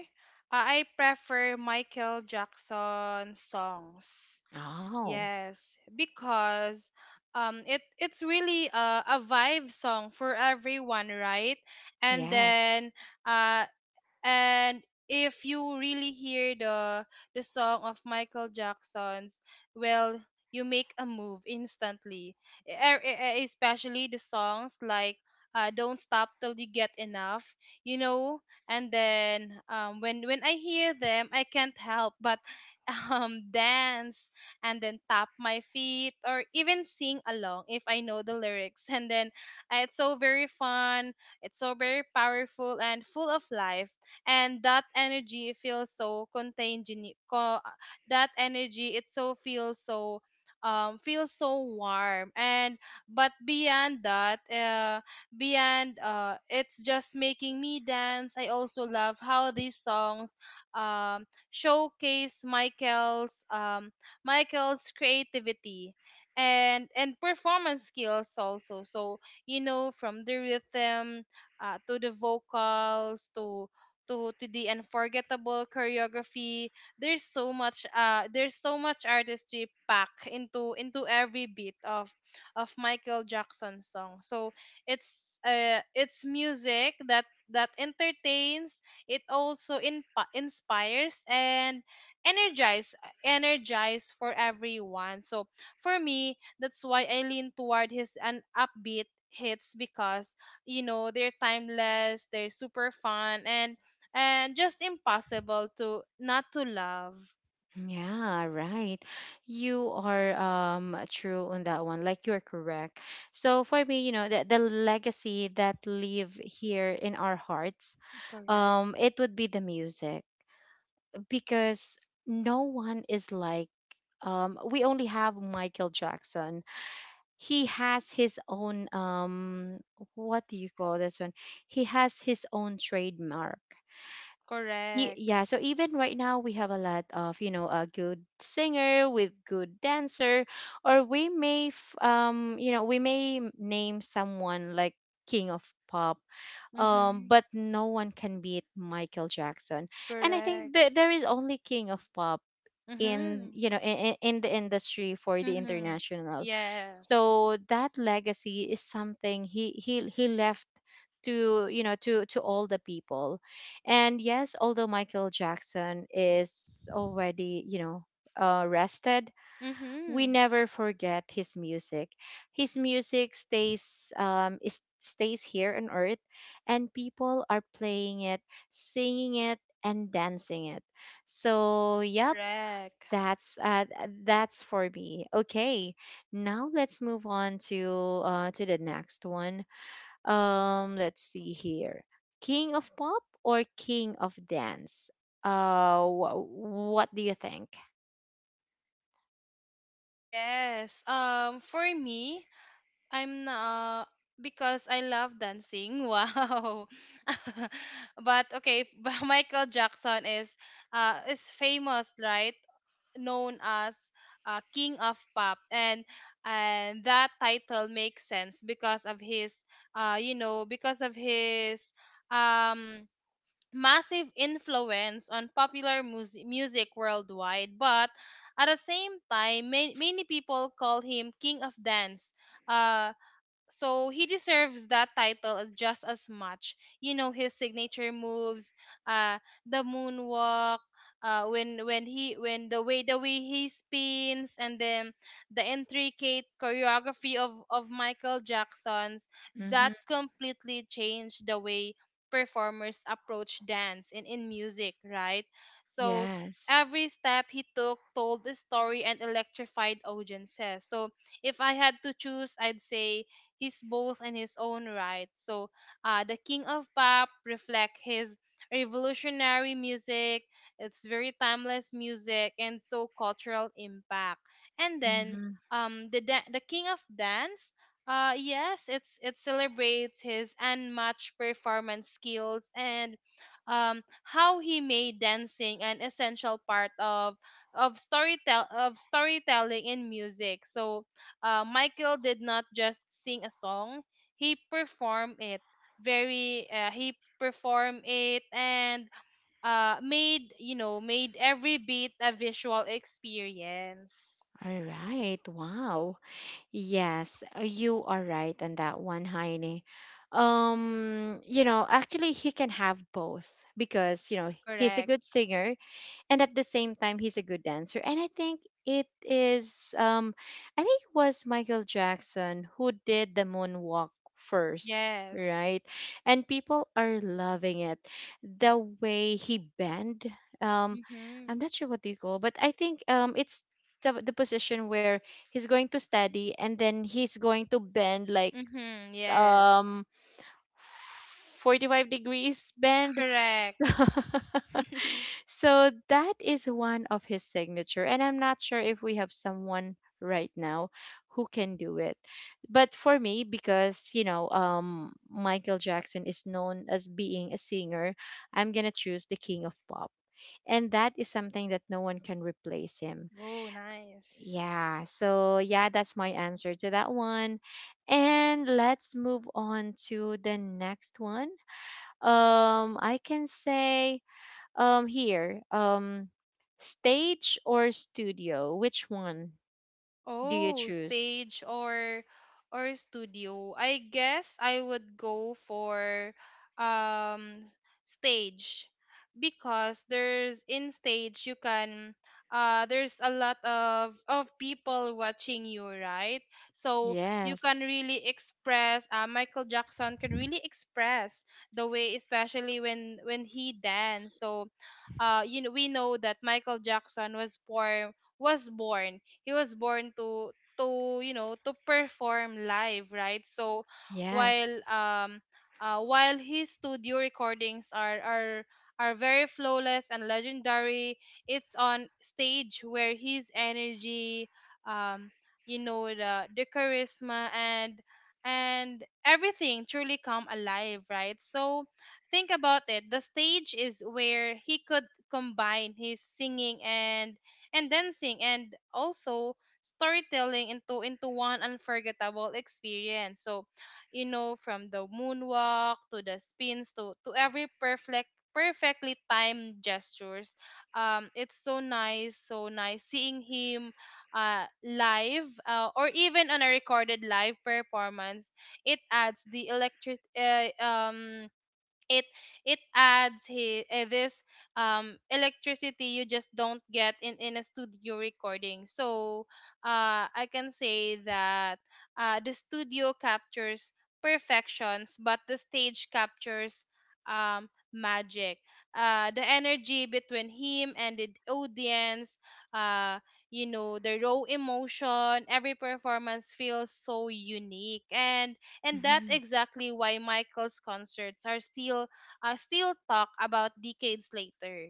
B: uh, I prefer Michael Jackson songs.
A: Oh,
B: Yes, because um it it's really a, a vibe song for everyone, right? And
A: yes.
B: then, uh and if you really hear the the song of Michael Jackson's, well, you make a move instantly. E- e- e- e, Especially the songs like, uh, "Don't Stop Till You Get Enough," you know. And then, um, when when I hear them, I can't help but *laughs* um, dance, and then tap my feet or even sing along if I know the lyrics. And then, uh, it's so very fun. It's so very powerful and full of life, and that energy feels so contagious co- that energy it so feels so um feels so warm. And but beyond that, uh beyond uh it's just making me dance. I also love how these songs, um showcase Michael's, um Michael's creativity and and performance skills also. So, you know from the rhythm, uh, to the vocals, to to to the unforgettable choreography, there's so much, uh there's so much artistry packed into into every beat of of Michael Jackson's song. So it's, uh it's music that that entertains. It also inp- inspires and energize energize for everyone. So for me, that's why I lean toward his an upbeat hits because, you know they're timeless, they're super fun, and and just impossible to not to love.
A: Yeah, right. You are, um true on that one. Like, you're correct. So for me, you know, the, the legacy that live here in our hearts,
B: Correct.
A: um, it would be the music, because no one is like, um we only have Michael Jackson. He has his own, um what do you call this one? He has his own trademark. Y-
B: Correct.
A: yeah, so even right now, we have a lot of, you know a good singer with good dancer, or we may f- um you know we may m- name someone like King of Pop, um
B: Mhm.
A: but no one can beat Michael Jackson. And i think
B: Correct.
A: that there is only King of Pop in
B: Mhm.
A: you know in, in the industry for the
B: Mhm.
A: international.
B: Yes.
A: So that legacy is something he he he left to, you know to to all the people. And yes, although Michael Jackson is already, you know uh, rested, we
B: Mhm.
A: never forget his music. His music stays um is, stays here on earth, and people are playing it, singing it, and dancing it. So yep,
B: Correct.
A: that's uh, th- that's for me. Okay, now let's move on to uh, to the next one. Um, let's see here, King of Pop or King of Dance? Uh, wh- what do you think?
B: Yes. Um for me, I'm not because I love dancing. *laughs* Wow. *laughs* But okay, *laughs* but Michael Jackson is uh is famous, right? Known as, uh, King of Pop, and and that title makes sense because of his, uh, you know, because of his, um massive influence on popular music music worldwide. But at the same time, ma- many people call him King of Dance. Uh, so he deserves that title, as- just as much. You know his signature moves, uh, the moonwalk, uh, when when he when the way the way he spins, and then the intricate choreography of of Michael Jackson's,
A: Mm-hmm.
B: that completely changed the way performers approach dance in in music, right? So,
A: Yes.
B: every step he took told the story and electrified audiences. So, if I had to choose, I'd say he's both in his own right. So, uh, the King of Pop reflect his revolutionary music. It's very timeless music and so cultural impact. And then,
A: Mm-hmm.
B: um, the da- the King of Dance. Uh, yes, it's it celebrates his unmatched performance skills and, um, how he made dancing an essential part of of storytell of storytelling in music. So, uh, Michael did not just sing a song, he performed it, very uh, he performed it and, uh, made, you know made every beat a visual experience.
A: All right. Wow. Yes, uh, you are right on that one, Heine. Um, you know, actually, he can have both, because, you know he's a
B: Correct.
A: good singer, and at the same time he's a good dancer. And i think it is um i think it was Michael Jackson who did the moonwalk first,
B: Yes.
A: right? And people are loving it, the way he bent. um
B: Mhm.
A: i'm not sure what you call, but i think, um it's the, the position where he's going to study and then he's going to bend like,
B: Mhm. Yes.
A: um forty-five degrees bend.
B: Correct.
A: *laughs* So that is one of his signature. And I'm not sure if we have someone right now who can do it. But for me, because, you know, um, Michael Jackson is known as being a singer, I'm going to choose the King of Pop. And that is something that no one can replace him.
B: Oh, nice.
A: Yeah. So, yeah, that's my answer to that one. And let's move on to the next one. Um, I can say, um, here, um, stage or studio? Which one do you
B: Oh,
A: choose?
B: stage or or studio. I guess I would go for um stage because there's in stage you can uh there's a lot of of people watching you, right? So you can
A: Yes,
B: really express uh Michael Jackson could really express the way, especially when when he danced. So uh you know we know that Michael Jackson was born was born he was born to to you know to perform live, right? So
A: yes.
B: while um uh, while his studio recordings are are are very flawless and legendary, it's on stage where his energy, um you know, the the charisma and and everything truly come alive, right? So think about it, the stage is where he could combine his singing and and dancing and also storytelling into into one unforgettable experience. So, you know, from the moonwalk to the spins to to every perfect perfectly timed gestures. Um, it's so nice, so nice seeing him uh live, uh, or even on a recorded live performance. It adds the electric uh, um it it adds he, eh, this um electricity you just don't get in in a studio recording. So uh I can say that uh the studio captures perfections, but the stage captures um magic. Uh the energy between him and the audience, uh you know, the raw emotion, every performance feels so unique. And and that's
A: Mm-hmm.
B: exactly why Michael's concerts are still uh, still talked about decades later.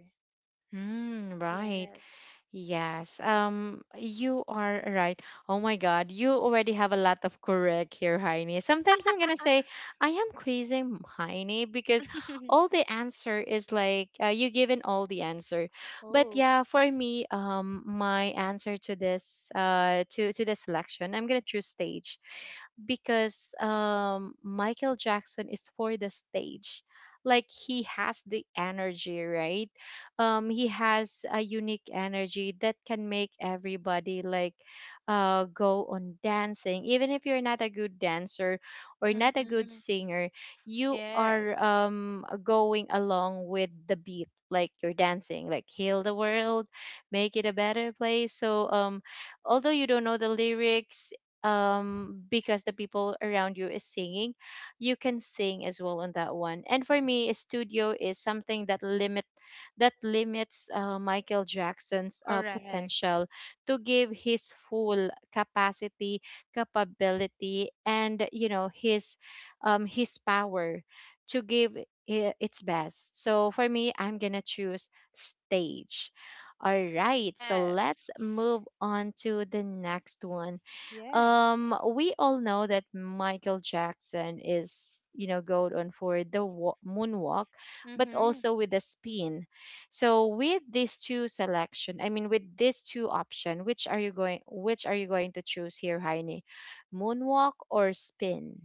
A: Mm, right.
B: Yes.
A: Yes, um, you are right. Oh my God, you already have a lot of correct here, Heine. Sometimes I'm gonna say I am quizzing Heine, because
B: *laughs*
A: all the answer is like, uh, you given all the answer. But
B: Oh.
A: yeah, for me, um, my answer to this uh to to the selection, I'm gonna choose stage, because, um Michael Jackson is for the stage. Like, he has the energy, right? um he has a unique energy that can make everybody, like, uh go on dancing. Even if you're not a good dancer or not a good
B: Mm-hmm.
A: singer, you
B: Yes.
A: are, um going along with the beat, like you're dancing, like "Heal the World," make it a better place. So, um although you don't know the lyrics, um because the people around you is singing, you can sing as well on that one. And for me, a studio is something that limit that limits, uh, Michael Jackson's, uh,
B: Correct.
A: potential to give his full capacity, capability, and, you know his, um, his power to give i- its best. So for me, I'm gonna choose stage. All right, so let's
B: Yes.
A: move on to the next one.
B: Yes.
A: Um, we all know that Michael Jackson is, you know, gold on for the wa- moonwalk, but
B: Mm-hmm.
A: also with the spin. So with these two selection, I mean with these two option, which are you going which are you going to choose here, Heini? Moonwalk or spin?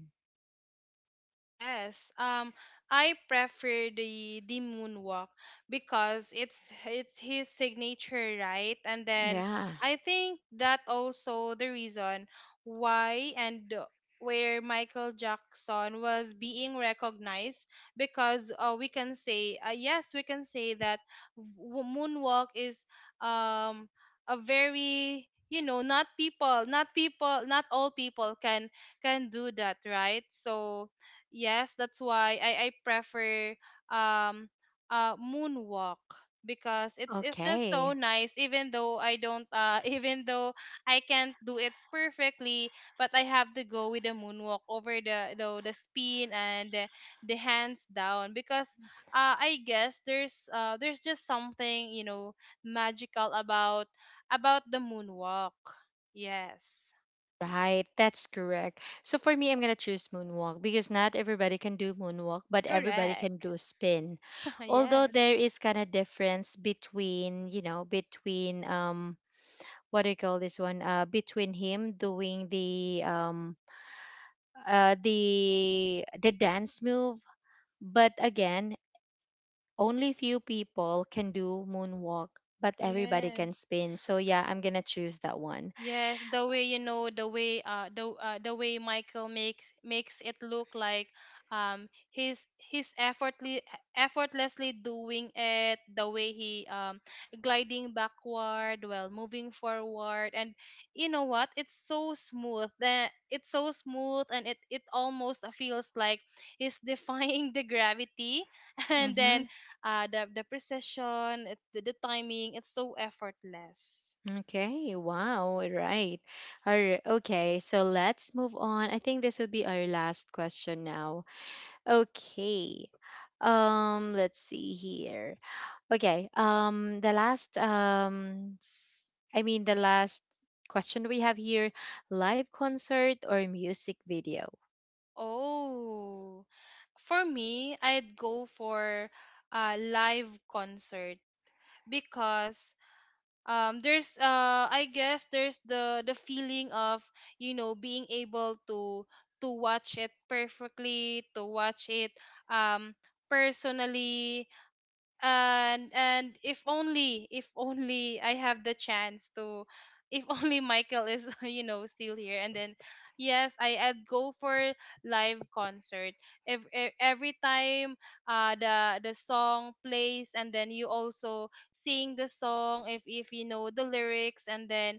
B: Yes, um, I prefer the the moonwalk because it's it's his signature, right? And then
A: Yeah.
B: I think that also the reason why and where Michael Jackson was being recognized, because uh, we can say uh, yes, we can say that w- moonwalk is um a very, you know, not people not people not all people can can do that, right? So yes, that's why I, I prefer um uh moonwalk because it's it's just so
A: Okay.
B: nice, even though I don't uh *laughs* even though I can't do it perfectly. But I have to go with the moonwalk over the the, the spin and the, the hands down, because uh I guess there's uh there's just something, you know, magical about about the moonwalk. Yes.
A: Right, that's correct. So for me, I'm gonna choose moonwalk, because not everybody can do moonwalk, but everybody can
B: Correct.
A: do spin.
B: *laughs*
A: Although
B: Yes.
A: there is kind of difference between, you know, between um, what do you call this one? Uh, between him doing the um, uh, the the dance move. But again, only few people can do moonwalk, but everybody can
B: Yes.
A: spin. So yeah, I'm gonna choose that one.
B: Yes, the way, you know, the way uh the uh, the way Michael makes makes it look like um he's he's effortlessly effortlessly doing it, the way he um gliding backward while moving forward. And you know what, it's so smooth, that it's so smooth and it it almost feels like he's *laughs* defying the gravity *laughs* and then
A: Mm-hmm.
B: uh the the precision it's the, the timing, it's so effortless.
A: Okay. Wow. Right. All right. Okay. So let's move on. I think this would be our last question now. Okay. Um. Let's see here. Okay. Um. The last. Um. s- I mean, the last question we have here: live concert or music video?
B: Oh, for me, I'd go for a live concert because um there's uh I guess there's the the feeling of, you know, being able to to watch it perfectly, to watch it um personally. And and if only, if only I have the chance to, if *laughs* only Michael is *laughs* you know still here. And then yes, i i'd go for live concert every, every time uh the the song plays, and then you also sing the song if if you know the lyrics. And then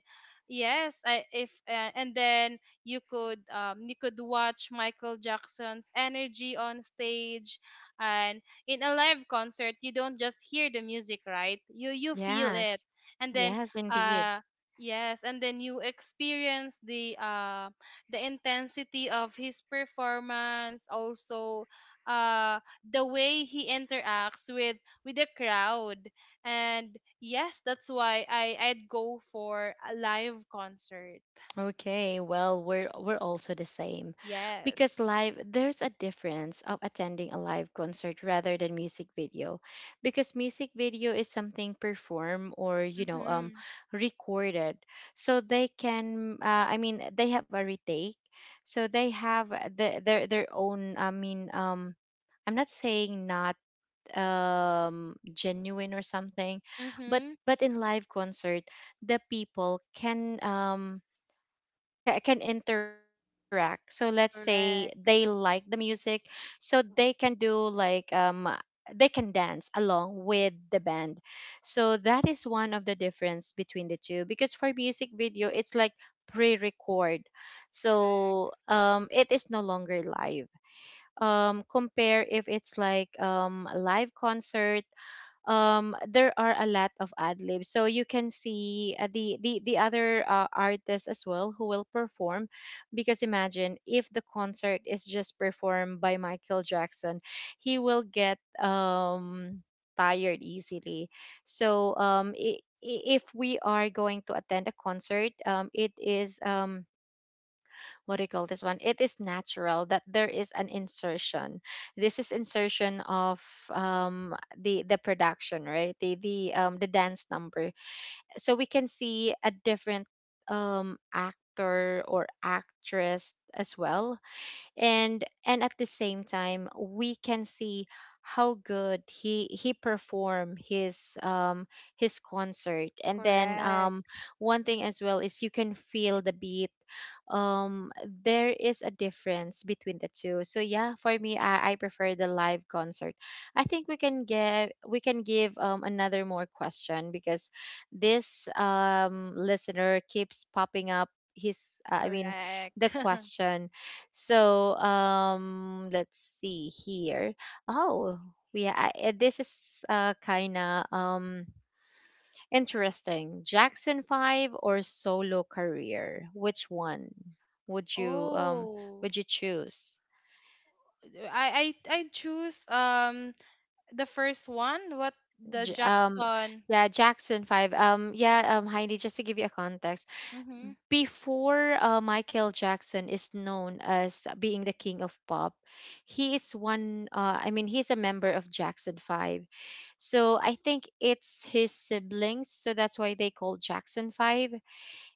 B: yes, I if uh, and then you could um you could watch Michael Jackson's energy on stage. And in a live concert you don't just hear the music, right? You you feel it.
A: Yes.
B: And then
A: Yes, indeed.
B: uh yes, and then you experience the uh the intensity of his performance, also uh the way he interacts with with the crowd. And yes, that's why i i'd go for a live concert.
A: Okay, well, we're we're also the same. Because
B: Yes.
A: live, there's a difference of attending a live concert rather than music video. Because music video is something performed or, you know, um
B: Mhm.
A: recorded. So they can uh, I mean, they have a retake. So they have the, their their own, I mean, um I'm not saying not, um genuine or something, but
B: Mhm.
A: but in live concert, the people can, um ca- can interact. So let's say they like the
B: Correct.
A: music, so they can do like um they can dance along with the band. So that is one of the difference between the two, because for music video it's like pre-record,
B: Correct.
A: so, um it is no longer live, um compare if it's like, um a live concert. um there are a lot of ad libs, so you can see, uh, the the the other, uh, artists as well who will perform, because imagine if the concert is just performed by Michael Jackson, he will get, um tired easily. So, um i i- if we are going to attend a concert, um it is, um what do you call this one? It is natural that there is an insertion. This is insertion of, um, the the production, right? The the um, the dance number. So we can see a different, um, actor or actress as well, and and at the same time we can see how good he he performed his um his concert. And then,
B: Correct.
A: um one thing as well is you can feel the beat. um there is a difference between the two. So yeah, for me, i, I prefer the live concert. I think we can get we can give, um, another more question, because this, um listener keeps popping up his uh, I mean,
B: Correct.
A: the
B: *laughs*
A: question. So, um, let's see here. Oh, yeah, I, uh, this is uh, kind of, um, interesting. Jackson Five or solo career? Which one would you um
B: Oh,
A: would you choose?
B: I I I choose um the first one, what, the
A: J- um,
B: Jackson.
A: yeah, Jackson Five. Um, yeah, um, Heidi, just to give you a context.
B: Mm-hmm.
A: Before, uh, Michael Jackson is known as being the King of Pop, he is one, uh, I mean, he's a member of Jackson five. So I think it's his siblings. So that's why they call Jackson five.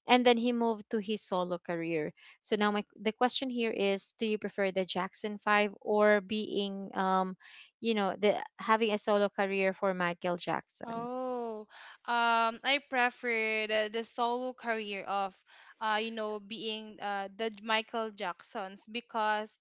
A: And then he moved to his solo career. So now my, the question here is, do you prefer the Jackson five, or being, um, you know, the having a solo career for Michael Jackson?
B: Oh, um, I prefer the, the solo career of, uh, you know, being uh the Michael Jacksons, because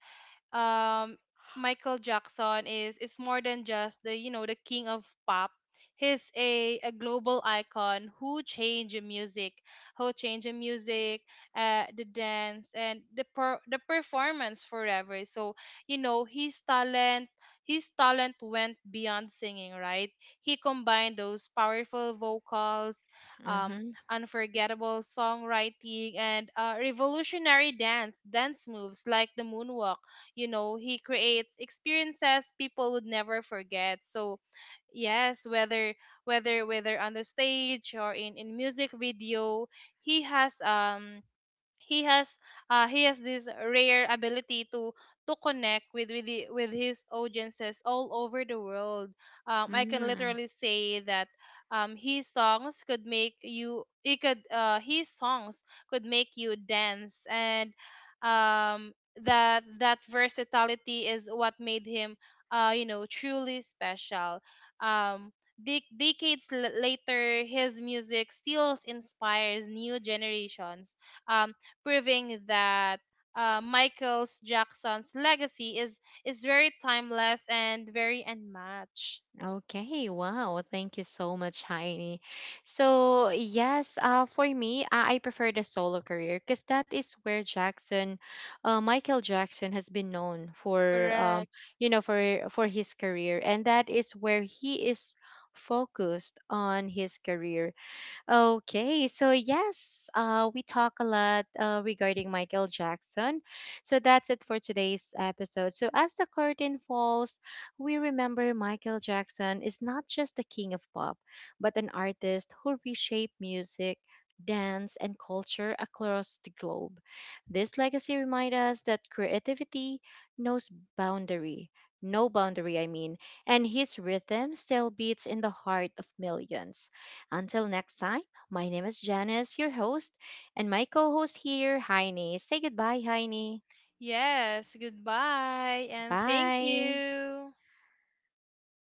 B: um Michael Jackson is is more than just, the you know, the King of Pop. He's a, a global icon who changed the music, who changed the music, uh, the dance, and the per- the performance forever. So you know, his talent, his talent went beyond singing. Right, he combined those powerful vocals, um,
A: Mm-hmm.
B: unforgettable songwriting, and uh, revolutionary dance dance moves like the moonwalk. You know, he creates experiences people would never forget. So yes, whether whether whether on the stage or in in music video, he has um he has uh, he has this rare ability to to connect with with, the, with his audiences all over the world. um, I can
A: Mm-hmm.
B: literally say that um, his songs could make you, he could uh, his songs could make you dance and um, that that versatility is what made him uh, you know, truly special. um, dec Decades l- later, his music still inspires new generations, um, proving that uh, Michael's Jackson's legacy is is very timeless and very unmatched.
A: Okay, wow. Thank you so much, Heini. So, yes, uh, for me, I, I prefer the solo career, because that is where Jackson, uh, Michael Jackson has been known for, um,
B: Correct.
A: you know, for for his career, and that is where he is focused on his career. Okay, so yes, uh, we talk a lot uh, regarding Michael Jackson. So that's it for today's episode. So as the curtain falls, we remember Michael Jackson is not just the King of Pop, but an artist who reshaped music, dance, and culture across the globe. This legacy reminds us that creativity knows boundary, no boundary, I mean, and his rhythm still beats in the heart of millions. Until next time, my name is Janice, your host, and my co host here, Heine. Say goodbye, Heine.
B: Yes. Goodbye and thank
A: Bye.
B: you.